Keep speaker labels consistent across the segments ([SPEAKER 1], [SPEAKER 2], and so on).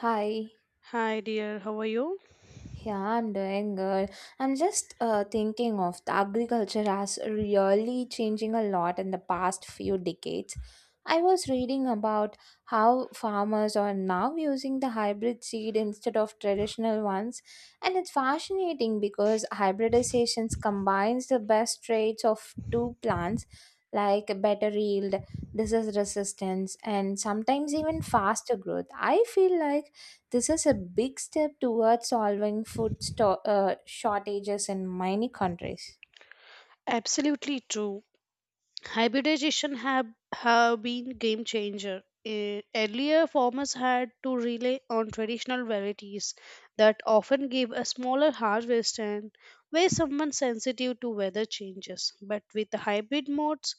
[SPEAKER 1] Hi.
[SPEAKER 2] Hi dear, how are you?
[SPEAKER 1] Yeah, I'm doing good. I'm just thinking of the agriculture has really changing a lot in the past few decades. I was reading about how farmers are now using the hybrid seed instead of traditional ones, and it's fascinating because hybridization combines the best traits of two plants, like better yield, disease resistance, and sometimes even faster growth. I feel like this is a big step towards solving food shortages in many countries.
[SPEAKER 2] Absolutely true. Hybridization have been game changer. Earlier farmers had to rely on traditional varieties that often gave a smaller harvest and were somewhat sensitive to weather changes. But with the hybrid modes,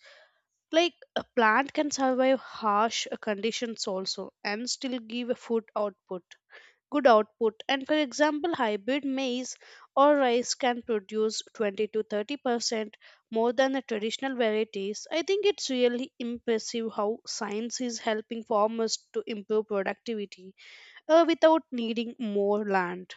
[SPEAKER 2] like a plant can survive harsh conditions also and still give a food output. Good output and for example hybrid maize or rice can produce 20 to 30% more than the traditional varieties. I think it's really impressive how science is helping farmers to improve productivity without needing more land.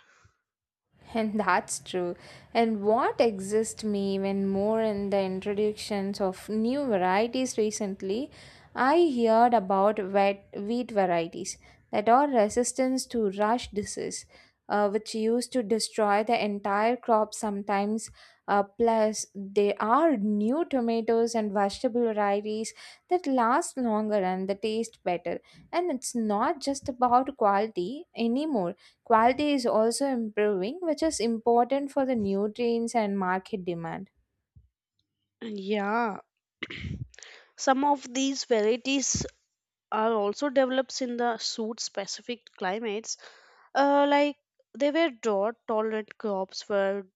[SPEAKER 1] And that's true. And what exists me even more in the introductions of new varieties recently, I heard about wet wheat varieties that are resistant to rush disease, which used to destroy the entire crop sometimes. Plus, there are new tomatoes and vegetable varieties that last longer and they taste better. And it's not just about quality anymore. Quality is also improving, which is important for the nutrients and market demand.
[SPEAKER 2] Yeah, some of these varieties are also develops in the suit specific climates. Like they were drought tolerant crops for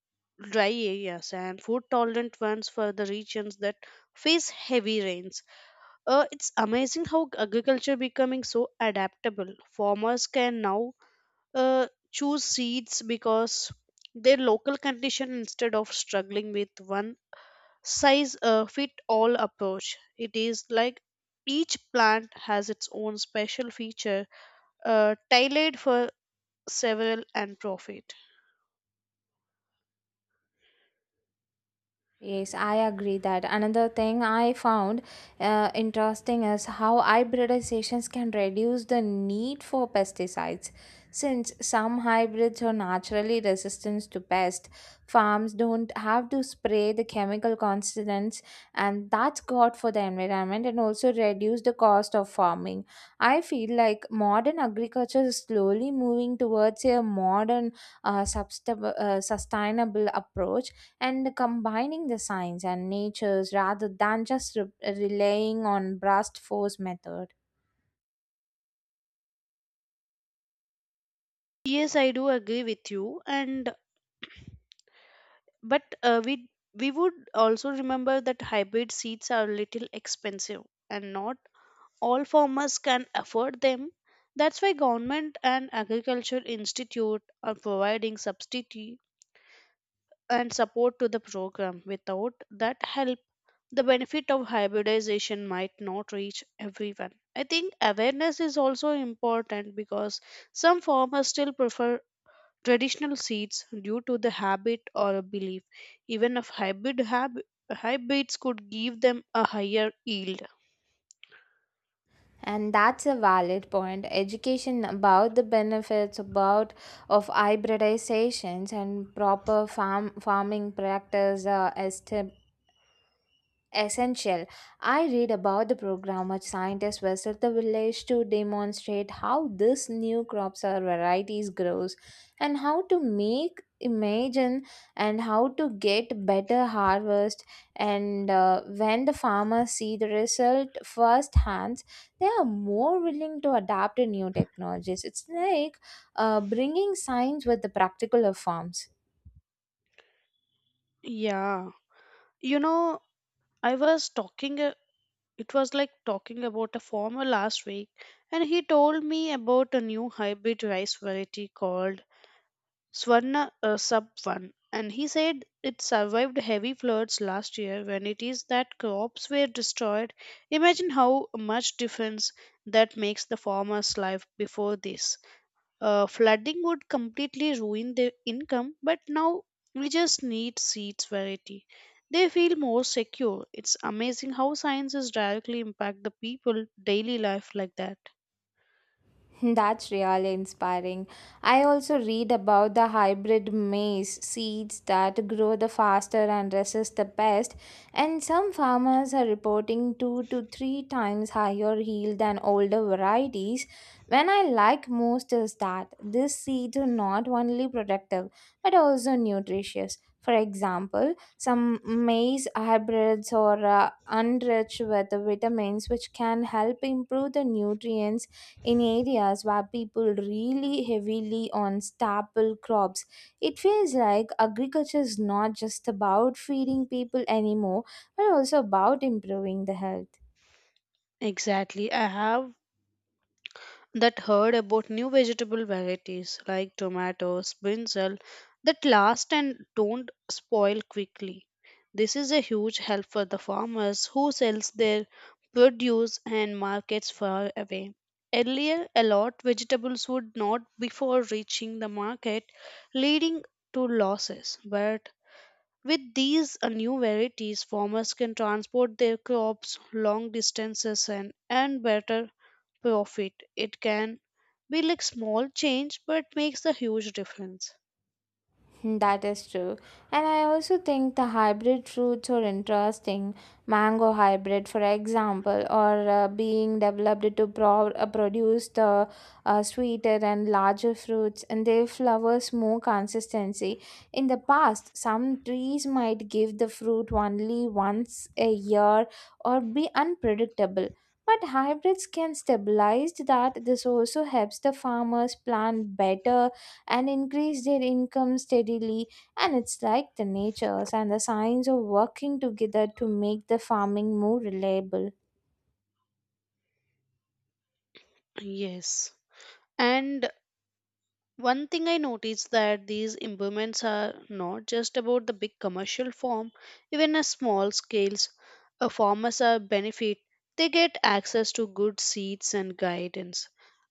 [SPEAKER 2] dry areas and food tolerant ones for the regions that face heavy rains. It's amazing how agriculture becoming so adaptable. Farmers can now uh, choose seeds because their local condition instead of struggling with one size fit all approach. It is like each plant has its own special feature tailored for several and profit.
[SPEAKER 1] Yes, I agree that. Another thing I found interesting is how hybridizations can reduce the need for pesticides. Since some hybrids are naturally resistant to pests, farms don't have to spray the chemical constants, and that's good for the environment and also reduce the cost of farming. I feel like modern agriculture is slowly moving towards a modern, sustainable approach and combining the science and natures rather than just relying on brute force method.
[SPEAKER 2] Yes, I do agree with you, and but we would also remember that hybrid seeds are a little expensive and not all farmers can afford them. That's why government and agriculture institute are providing substitute and support to the program. Without that help the benefit of hybridization might not reach everyone. I think awareness is also important because some farmers still prefer traditional seeds due to the habit or a belief, even if hybrids could give them a higher yield.
[SPEAKER 1] And that's a valid point. Education about the benefits about of hybridizations and proper farming practice essential. I read about the program where scientists visit the village to demonstrate how this new crops or varieties grows and how to make imagine and how to get better harvest and when the farmers see the result first hands, they are more willing to adapt to new technologies. It's like bringing science with the practical of farms.
[SPEAKER 2] Yeah. You know, I was talking, uh, it was like talking about a farmer last week, and he told me about a new hybrid rice variety called Swarna Sub 1, and he said it survived heavy floods last year when it is that crops were destroyed. Imagine how much difference that makes the farmer's life before this. Flooding would completely ruin their income, but now we just need seeds variety. They feel more secure. It's amazing how sciences directly impact the people daily life like that.
[SPEAKER 1] That's really inspiring. I also read about the hybrid maize seeds that grow the faster and resist the pest, and some farmers are reporting two to three times higher yield than older varieties. When I like most is that these seeds are not only productive but also nutritious. For example, some maize hybrids are enriched with vitamins which can help improve the nutrients in areas where people really heavily on staple crops. It feels like agriculture is not just about feeding people anymore, but also about improving the health.
[SPEAKER 2] Exactly. I have that heard about new vegetable varieties like tomatoes, brinjal that last and don't spoil quickly. This is a huge help for the farmers who sells their produce and markets far away. Earlier, a lot vegetables would not before reaching the market, leading to losses. But with these new varieties, farmers can transport their crops long distances and earn better profit. It can be like small change but makes a huge difference.
[SPEAKER 1] Hmm, that is true. And I also think the hybrid fruits are interesting. Mango hybrid, for example, or being developed to produce the sweeter and larger fruits, and their flowers more consistency. In the past, some trees might give the fruit only once a year or be unpredictable. But hybrids can stabilize that. This also helps the farmers plant better and increase their income steadily, and it's like the natures and the science of working together to make the farming more reliable.
[SPEAKER 2] Yes. And one thing I noticed that these improvements are not just about the big commercial farm, even at small scales, a farmers are benefit. They get access to good seeds and guidance.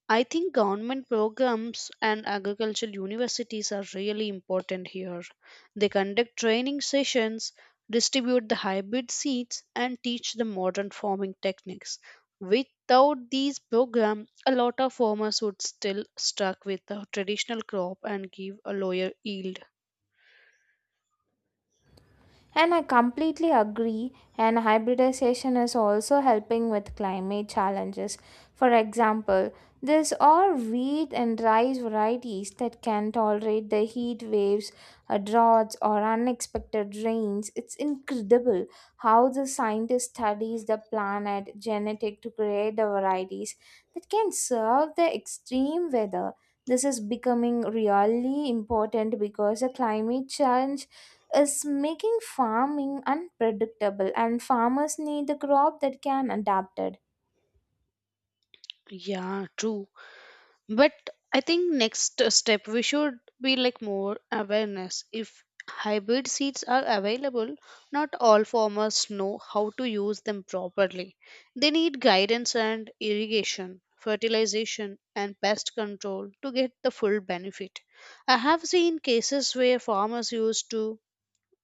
[SPEAKER 2] I think government programs and agricultural universities are really important here. They conduct training sessions, distribute the hybrid seeds, and teach the modern farming techniques. Without these programs, a lot of farmers would still stuck with the traditional crop and give a lower yield.
[SPEAKER 1] And I completely agree. And hybridization is also helping with climate challenges. For example, these are wheat and rice varieties that can tolerate the heat waves, droughts, or unexpected rains. It's incredible how the scientist studies the planet genetic to create the varieties that can serve the extreme weather. This is becoming really important because the climate change is making farming unpredictable and farmers need a crop that can adapt.
[SPEAKER 2] Yeah, true. But I think next step we should be like more awareness. If hybrid seeds are available, not all farmers know how to use them properly. They need guidance and irrigation, fertilization and pest control to get the full benefit. I have seen cases where farmers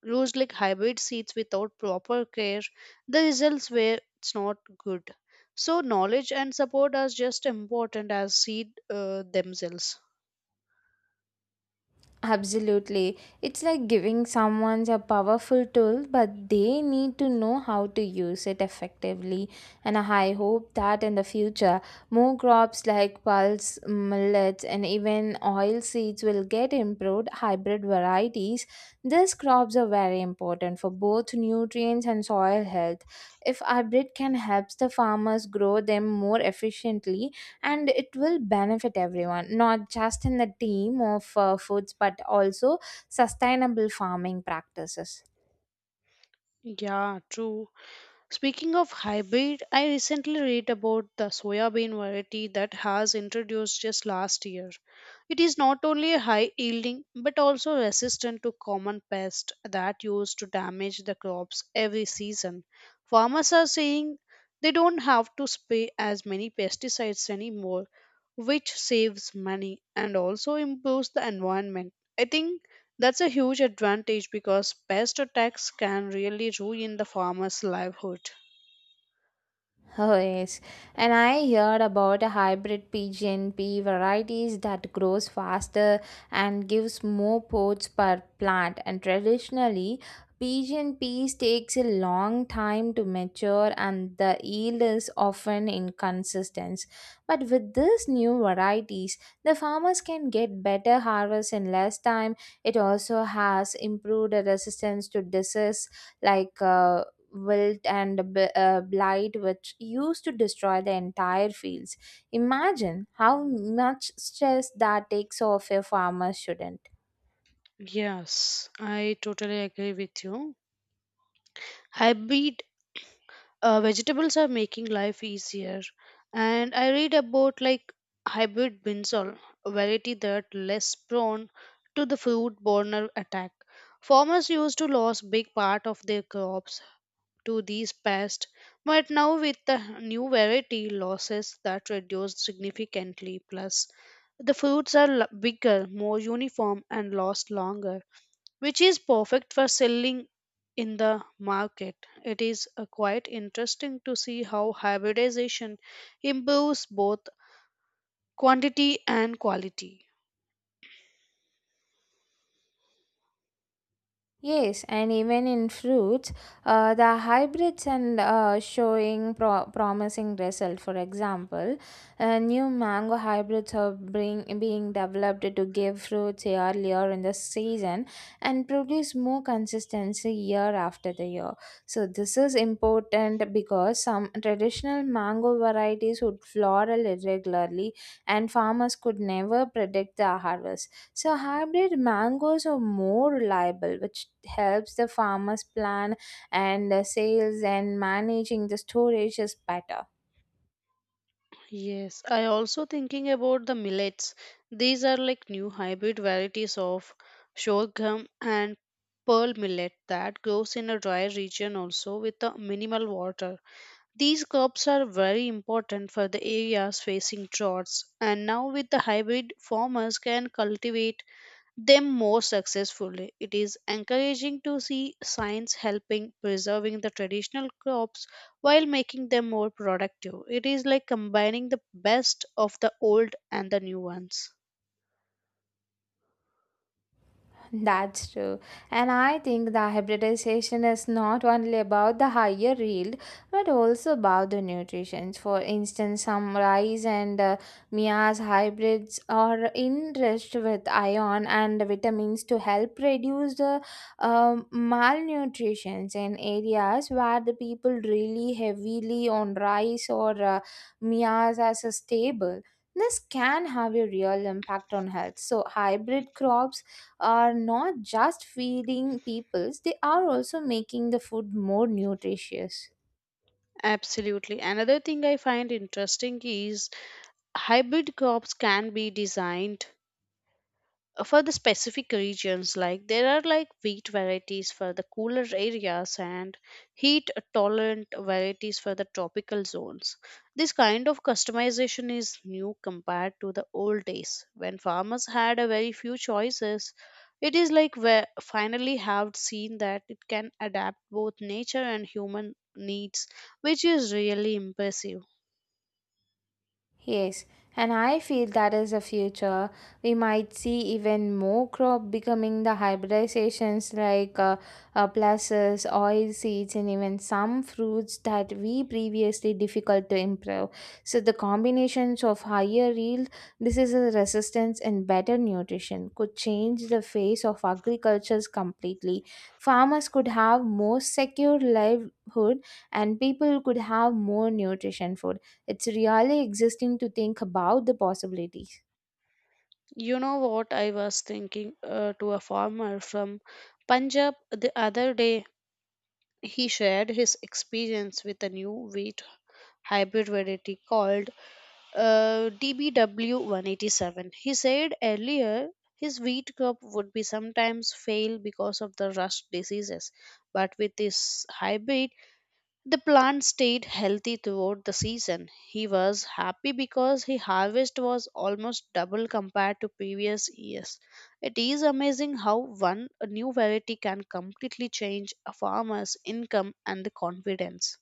[SPEAKER 2] used like hybrid seeds without proper care, the results were it's not good. So knowledge and support are just important as seed themselves.
[SPEAKER 1] Absolutely. It's like giving someone a powerful tool, but they need to know how to use it effectively. And I hope that in the future, more crops like pulse, millets, and even oil seeds will get improved hybrid varieties. These crops are very important for both nutrients and soil health. If hybrid can help the farmers grow them more efficiently, and it will benefit everyone, not just in the team of foods but also sustainable farming practices.
[SPEAKER 2] Yeah, true. Speaking of hybrid, I recently read about the soybean variety that has introduced just last year. It is not only high yielding but also resistant to common pests that used to damage the crops every season. Farmers are saying they don't have to spray as many pesticides anymore, which saves money and also improves the environment. I think that's a huge advantage because pest attacks can really ruin the farmer's livelihood.
[SPEAKER 1] Oh, yes. And I heard about a hybrid PGNP varieties that grows faster and gives more pods per plant. And traditionally, PGNPs takes a long time to mature and the yield is often inconsistent. But with these new varieties, the farmers can get better harvest in less time. It also has improved resistance to disease like wilt and blight which used to destroy the entire fields. Imagine how much stress that takes off a farmer shouldn't.
[SPEAKER 2] Yes, I totally agree with you. Hybrid vegetables are making life easier. And I read about like hybrid brinjal, a variety that less prone to the foodborne attack. Farmers used to lose big part of their crops to these pests, but now with the new variety, losses that reduced significantly. Plus, the fruits are bigger, more uniform, and last longer which is perfect for selling in the market. It is quite interesting to see how hybridization improves both quantity and quality.
[SPEAKER 1] Yes, and even in fruits, the hybrids and showing promising result. For example, new mango hybrids are being developed to give fruits earlier in the season and produce more consistency year after the year. So this is important because some traditional mango varieties would floral irregularly, and farmers could never predict the harvest. So hybrid mangoes are more reliable, which helps the farmers plan and sales, and managing the storage is better.
[SPEAKER 2] Yes, I also thinking about the millets. These are like new hybrid varieties of sorghum and pearl millet that grows in a dry region also with a minimal water. These crops are very important for the areas facing droughts, and now with the hybrid, farmers can cultivate them more successfully. It is encouraging to see science helping preserving the traditional crops while making them more productive. It is like combining the best of the old and the new ones.
[SPEAKER 1] That's true. And I think the hybridization is not only about the higher yield but also about the nutrition. For instance, some rice and Mia's hybrids are enriched with iron and vitamins to help reduce the malnutrition in areas where the people really heavily on rice or Mia's as a staple. This can have a real impact on health. So, hybrid crops are not just feeding peoples, they are also making the food more nutritious.
[SPEAKER 2] Absolutely. Another thing I find interesting is hybrid crops can be designed for the specific regions like there are like wheat varieties for the cooler areas and heat tolerant varieties for the tropical zones. This kind of customization is new compared to the old days when farmers had a very few choices. It is like we finally have seen that it can adapt both nature and human needs, which is really impressive.
[SPEAKER 1] Yes, and I feel that is the future. We might see even more crop becoming the hybridizations like pulses, oil seeds, and even some fruits that we previously difficult to improve. So the combinations of higher yield, disease resistance, and better nutrition could change the face of agricultures completely. Farmers could have more secure livelihood, and people could have more nutrition food. It's really existing to think about the possibilities.
[SPEAKER 2] You know what, I was thinking to a farmer from Punjab the other day. He shared his experience with a new wheat hybrid variety called DBW187. He said earlier his wheat crop would be sometimes fail because of the rust diseases, but with this hybrid the plant stayed healthy throughout the season. He was happy because his harvest was almost double compared to previous years. It is amazing how one a new variety can completely change a farmer's income and the confidence.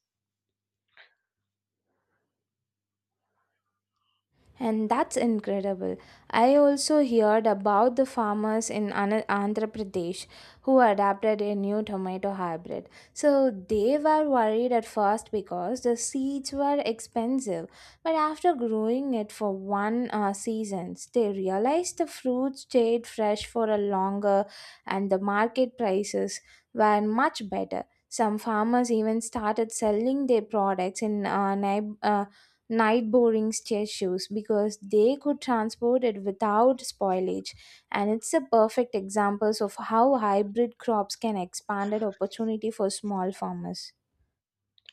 [SPEAKER 1] And that's incredible. I also heard about the farmers in Andhra Pradesh who adapted a new tomato hybrid. So they were worried at first because the seeds were expensive, but after growing it for one season, they realized the fruit stayed fresh for a longer and the market prices were much better. Some farmers even started selling their products in night boring statues because they could transport it without spoilage, and it's a perfect example of how hybrid crops can expand opportunity for small farmers.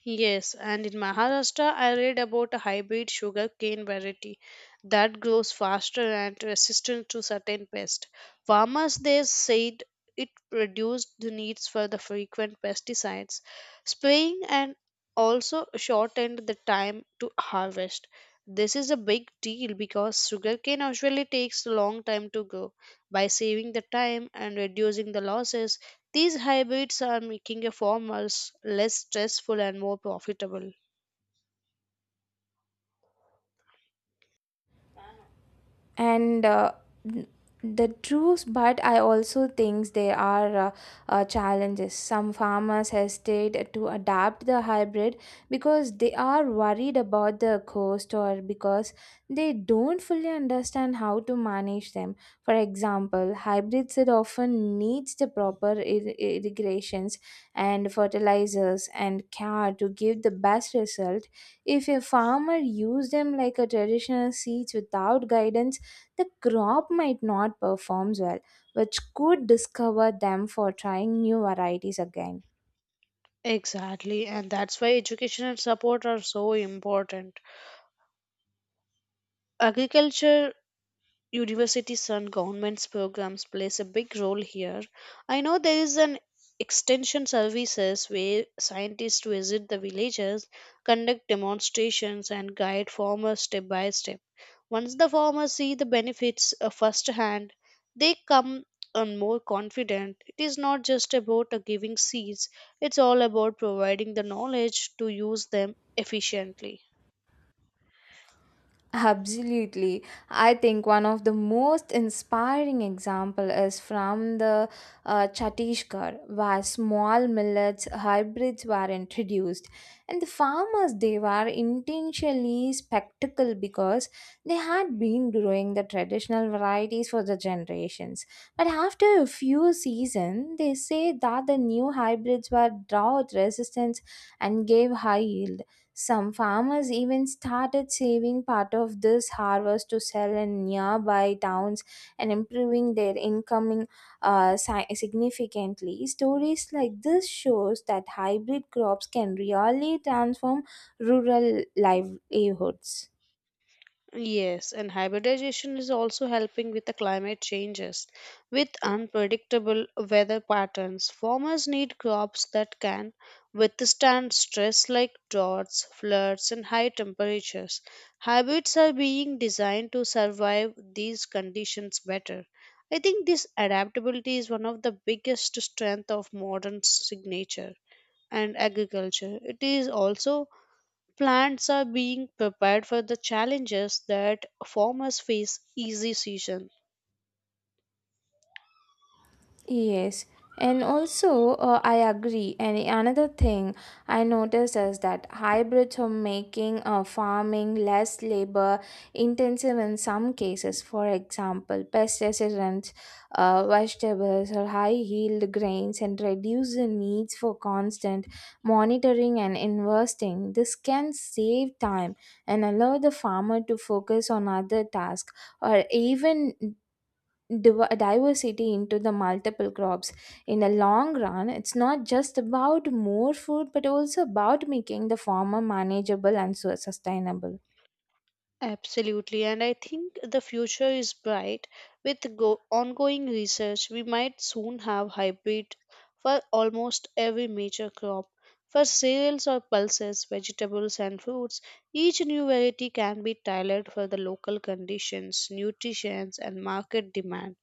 [SPEAKER 2] Yes, and in Maharashtra, I read about a hybrid sugar cane variety that grows faster and resistant to certain pests. Farmers there said it reduced the needs for the frequent pesticides spraying and also shortened the time to harvest. This is a big deal because sugarcane usually takes a long time to grow. By saving the time and reducing the losses, these hybrids are making a farmers less stressful and more profitable.
[SPEAKER 1] And the truth, but I also think there are challenges. Some farmers hesitate to adapt the hybrid because they are worried about the cost or because they don't fully understand how to manage them. For example, hybrids it often needs the proper irrigations and fertilizers and care to give the best result. If a farmer use them like a traditional seeds without guidance, the crop might not perform well, which could discover them for trying new varieties again.
[SPEAKER 2] Exactly, and that's why education and support are so important. Agriculture universities and governments programs plays a big role here. I know there is an extension services where scientists visit the villages, conduct demonstrations and guide farmers step by step. Once the farmers see the benefits firsthand, they come on more confident. It is not just about giving seeds, it's all about providing the knowledge to use them efficiently.
[SPEAKER 1] Absolutely. I think one of the most inspiring example is from the Chhattisgarh, where small millets hybrids were introduced. And the farmers, they were intentionally spectacle because they had been growing the traditional varieties for the generations. But after a few seasons, they say that the new hybrids were drought resistant and gave high yield. Some farmers even started saving part of this harvest to sell in nearby towns and improving their income significantly. Stories like this shows that hybrid crops can really transform rural livelihoods.
[SPEAKER 2] Yes, and hybridization is also helping with the climate changes. With unpredictable weather patterns, farmers need crops that can withstand stress like droughts, floods, and high temperatures. Hybrids are being designed to survive these conditions better. I think this adaptability is one of the biggest strength of modern signature and agriculture. It is also plants are being prepared for the challenges that farmers face easy season.
[SPEAKER 1] Yes, and also I agree. And another thing I noticed is that hybrids are making farming less labor intensive in some cases. For example, pest resistant vegetables or high yield grains and reduce the needs for constant monitoring and investing. This can save time and allow the farmer to focus on other tasks, or even diversity into the multiple crops. In the long run, it's not just about more food but also about making the farmer manageable and so sustainable.
[SPEAKER 2] Absolutely, and I think the future is bright. With ongoing research, we might soon have hybrid for almost every major crop. For cereals or pulses, vegetables and fruits, each new variety can be tailored for the local conditions, nutrition, and market demand.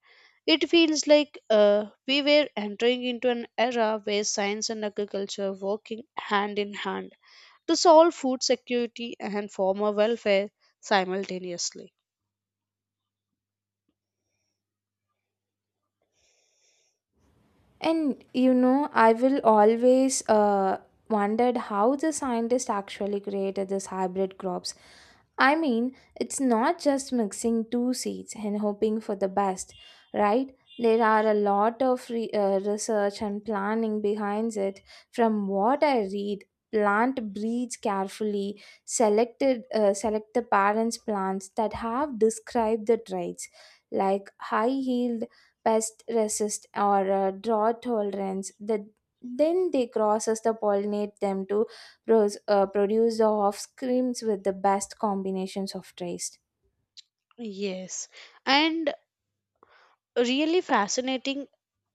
[SPEAKER 2] It feels like we were entering into an era where science and agriculture are working hand in hand to solve food security and farmer welfare simultaneously.
[SPEAKER 1] And you know, I will always wondered how the scientists actually created these hybrid crops. I mean, it's not just mixing two seeds and hoping for the best, right? There are a lot of research and planning behind it. From what I read, plant breeds carefully, select the parents plants that have described the traits like high yield, pest resist, or drought tolerance. The then they crosses the pollinate them to produce the offscreens with the best combinations of traits.
[SPEAKER 2] Yes, and really fascinating.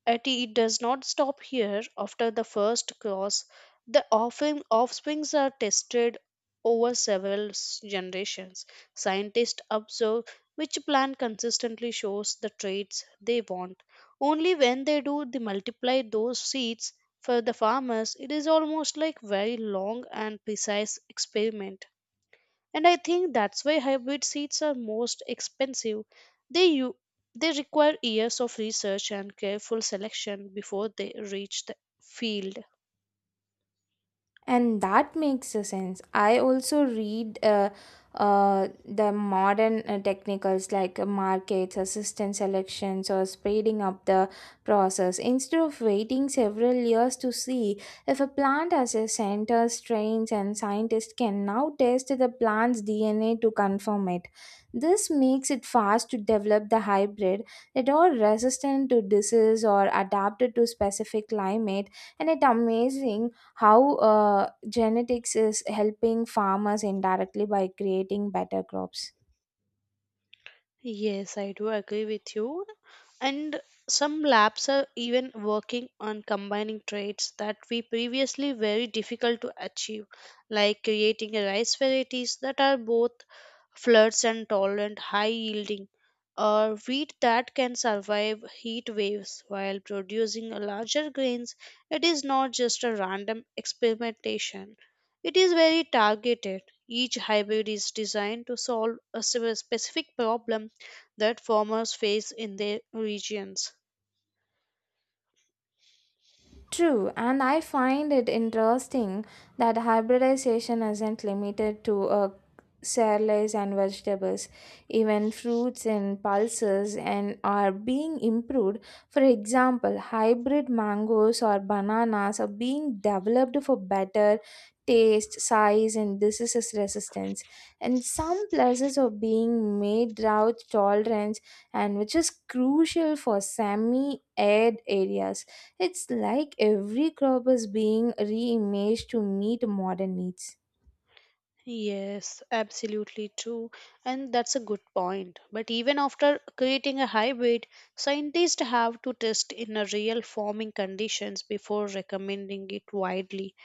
[SPEAKER 2] Yet it does not stop here. After the first cross, the offsprings are tested over several generations. Scientists observe which plant consistently shows the traits they want. Only when they do, they multiply those seeds. For the farmers, it is almost like very long and precise experiment, and I think that's why hybrid seeds are most expensive. They u- they require years of research and careful selection before they reach the field.
[SPEAKER 1] And that makes a sense. I also read the modern technicals like markets assistant selections or speeding up the process. Instead of waiting several years to see if a plant has a center strains, and scientists can now test the plant's dna to confirm it. This makes it fast to develop the hybrid that are resistant to disease or adapted to specific climate, and it amazing how genetics is helping farmers indirectly by creating better crops.
[SPEAKER 2] Yes, I do agree with you. And some labs are even working on combining traits that we previously very difficult to achieve, like creating rice varieties that are both floods and tolerant high yielding wheat that can survive heat waves while producing larger grains. It is not just a random experimentation, it is very targeted. Each hybrid is designed to solve a specific problem that farmers face in their regions.
[SPEAKER 1] True, and I find it interesting that hybridization isn't limited to cereals and vegetables. Even fruits and pulses and are being improved. For example, hybrid mangoes or bananas are being developed for better taste, size, and diseases resistance. And some pluses are being made drought tolerance, and which is crucial for semi-arid areas. It's like every crop is being reimaged to meet modern needs.
[SPEAKER 2] Yes, absolutely true. And that's a good point. But even after creating a hybrid, scientists have to test in a real farming conditions before recommending it widely.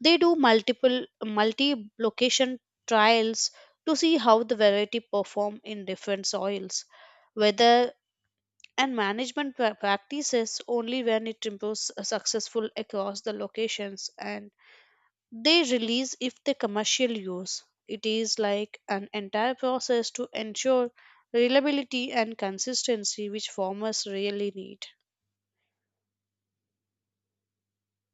[SPEAKER 2] They do multiple multi-location trials to see how the variety perform in different soils. Weather, and management practices only when it improves successful across the locations and they release if they commercial use. It is like an entire process to ensure reliability and consistency which farmers really need.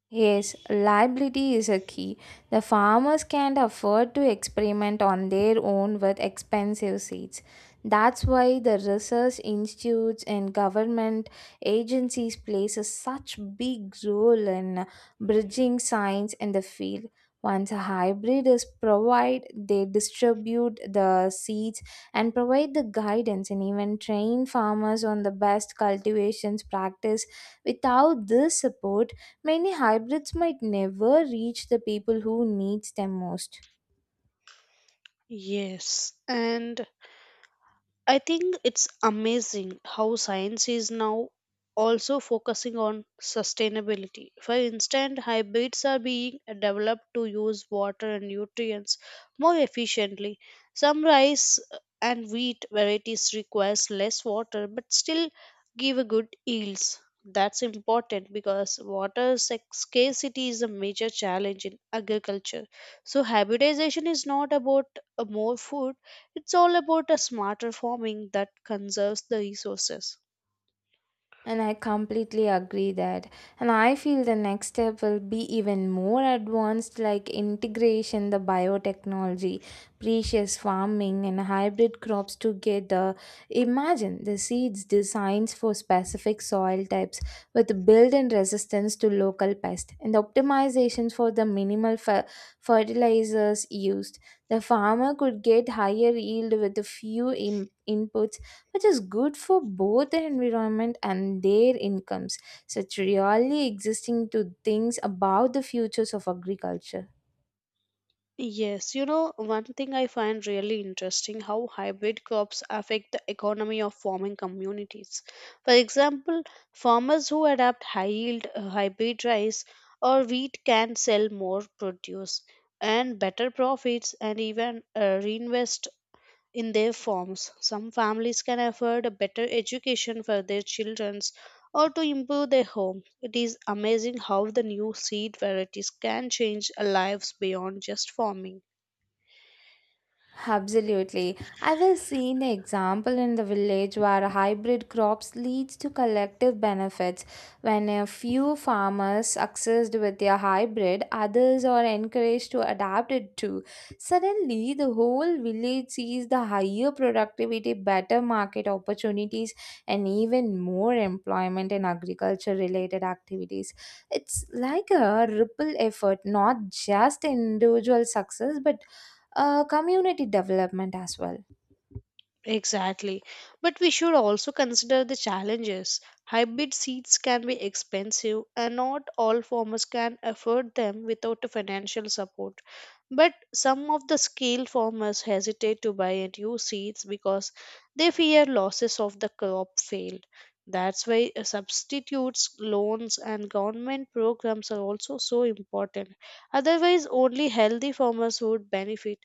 [SPEAKER 1] Yes, reliability is a key. The farmers can't afford to experiment on their own with expensive seeds. That's why the research institutes and government agencies plays a such big role in bridging science in the field. Once a hybrid is provided, they distribute the seeds and provide the guidance and even train farmers on the best cultivations practice. Without this support, many hybrids might never reach the people who needs them most.
[SPEAKER 2] Yes, and I think it's amazing how science is now also focusing on sustainability. For instance, hybrids are being developed to use water and nutrients more efficiently. Some rice and wheat varieties requires less water but still give a good yields. That's important because water scarcity is a major challenge in agriculture. So hybridization is not about more food, it's all about a smarter farming that conserves the resources.
[SPEAKER 1] And I completely agree that. And I feel the next step will be even more advanced, like integration, the biotechnology, precious farming, and hybrid crops together. Imagine the seeds designs for specific soil types with built in resistance to local pests and the optimizations for the minimal fertilizers used. The farmer could get higher yield with the few inputs, which is good for both the environment and their incomes. Such really existing to things about the futures of agriculture.
[SPEAKER 2] Yes, you know, one thing I find really interesting how hybrid crops affect the economy of farming communities. For example, farmers who adapt high yield hybrid rice or wheat can sell more produce and better profits and even reinvest in their forms. Some families can afford a better education for their children or to improve their home. It is amazing how the new seed varieties can change lives beyond just farming.
[SPEAKER 1] Absolutely. I have seen an example in the village where hybrid crops leads to collective benefits. When a few farmers succeed with their hybrid, others are encouraged to adapt it too. Suddenly, the whole village sees the higher productivity, better market opportunities, and even more employment in agriculture related activities. It's like a ripple effect, not just individual success, but community development as well.
[SPEAKER 2] Exactly. But we should also consider the challenges. Hybrid seeds can be expensive, and not all farmers can afford them without a financial support. But some of the skilled farmers hesitate to buy and use seeds because they fear losses of the crop failed. That's why substitutes, loans, and government programs are also so important. Otherwise, only healthy farmers would benefit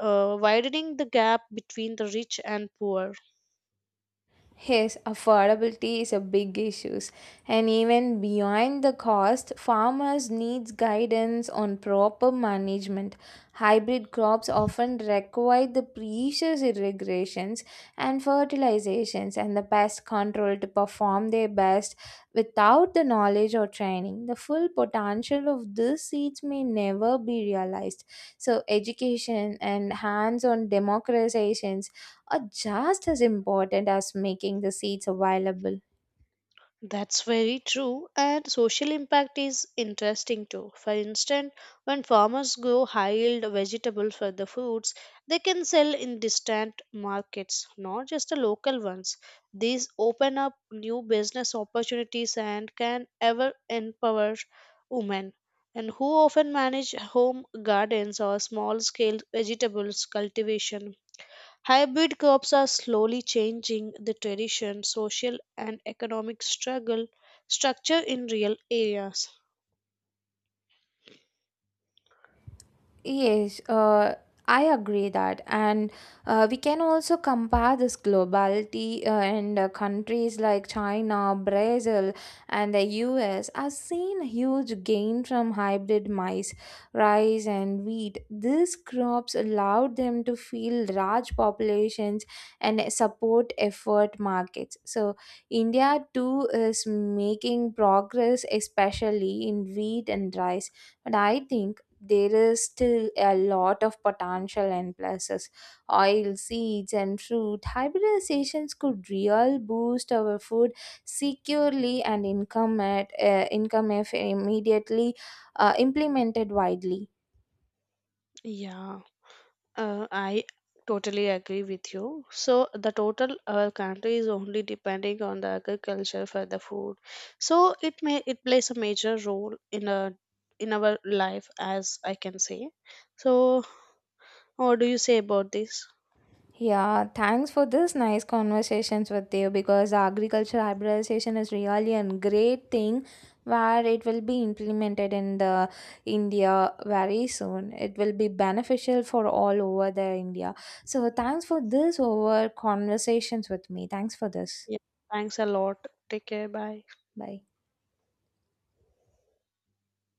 [SPEAKER 2] widening the gap between the rich and poor.
[SPEAKER 1] Yes, affordability is a big issue, and even beyond the cost, farmers need guidance on proper management. Hybrid crops often require the precious irrigations and fertilizations and the pest control to perform their best without the knowledge or training. The full potential of these seeds may never be realized. So, education and hands on democratization are just as important as making the seats available.
[SPEAKER 2] That's very true, and social impact is interesting too. For instance, when farmers grow high yield vegetables for the foods, they can sell in distant markets, not just the local ones. These open up new business opportunities and can ever empower women. And who often manage home gardens or small scale vegetables cultivation. Hybrid crops are slowly changing the tradition, social, and economic struggle structure in real areas.
[SPEAKER 1] Yes, I agree that, and we can also compare this globality, and countries like China, Brazil, and the U.S. have seen huge gain from hybrid maize, rice, and wheat. These crops allowed them to feed large populations and support effort markets. So India too is making progress, especially in wheat and rice. But I think there is still a lot of potential in places. Oil, seeds, and fruit hybridizations could real boost our food securely and income at income if immediately implemented widely.
[SPEAKER 2] Yeah, I totally agree with you. So the total our country is only depending on the agriculture for the food. So it plays a major role in a in our life as I can say. So what do you say about this?
[SPEAKER 1] Yeah, thanks for this nice conversations with you because agriculture hybridization is really a great thing where it will be implemented in the India very soon. It will be beneficial for all over the India. So thanks for this over conversations with me. Thanks for this.
[SPEAKER 2] Yeah, thanks a lot. Take care. Bye.
[SPEAKER 1] Bye.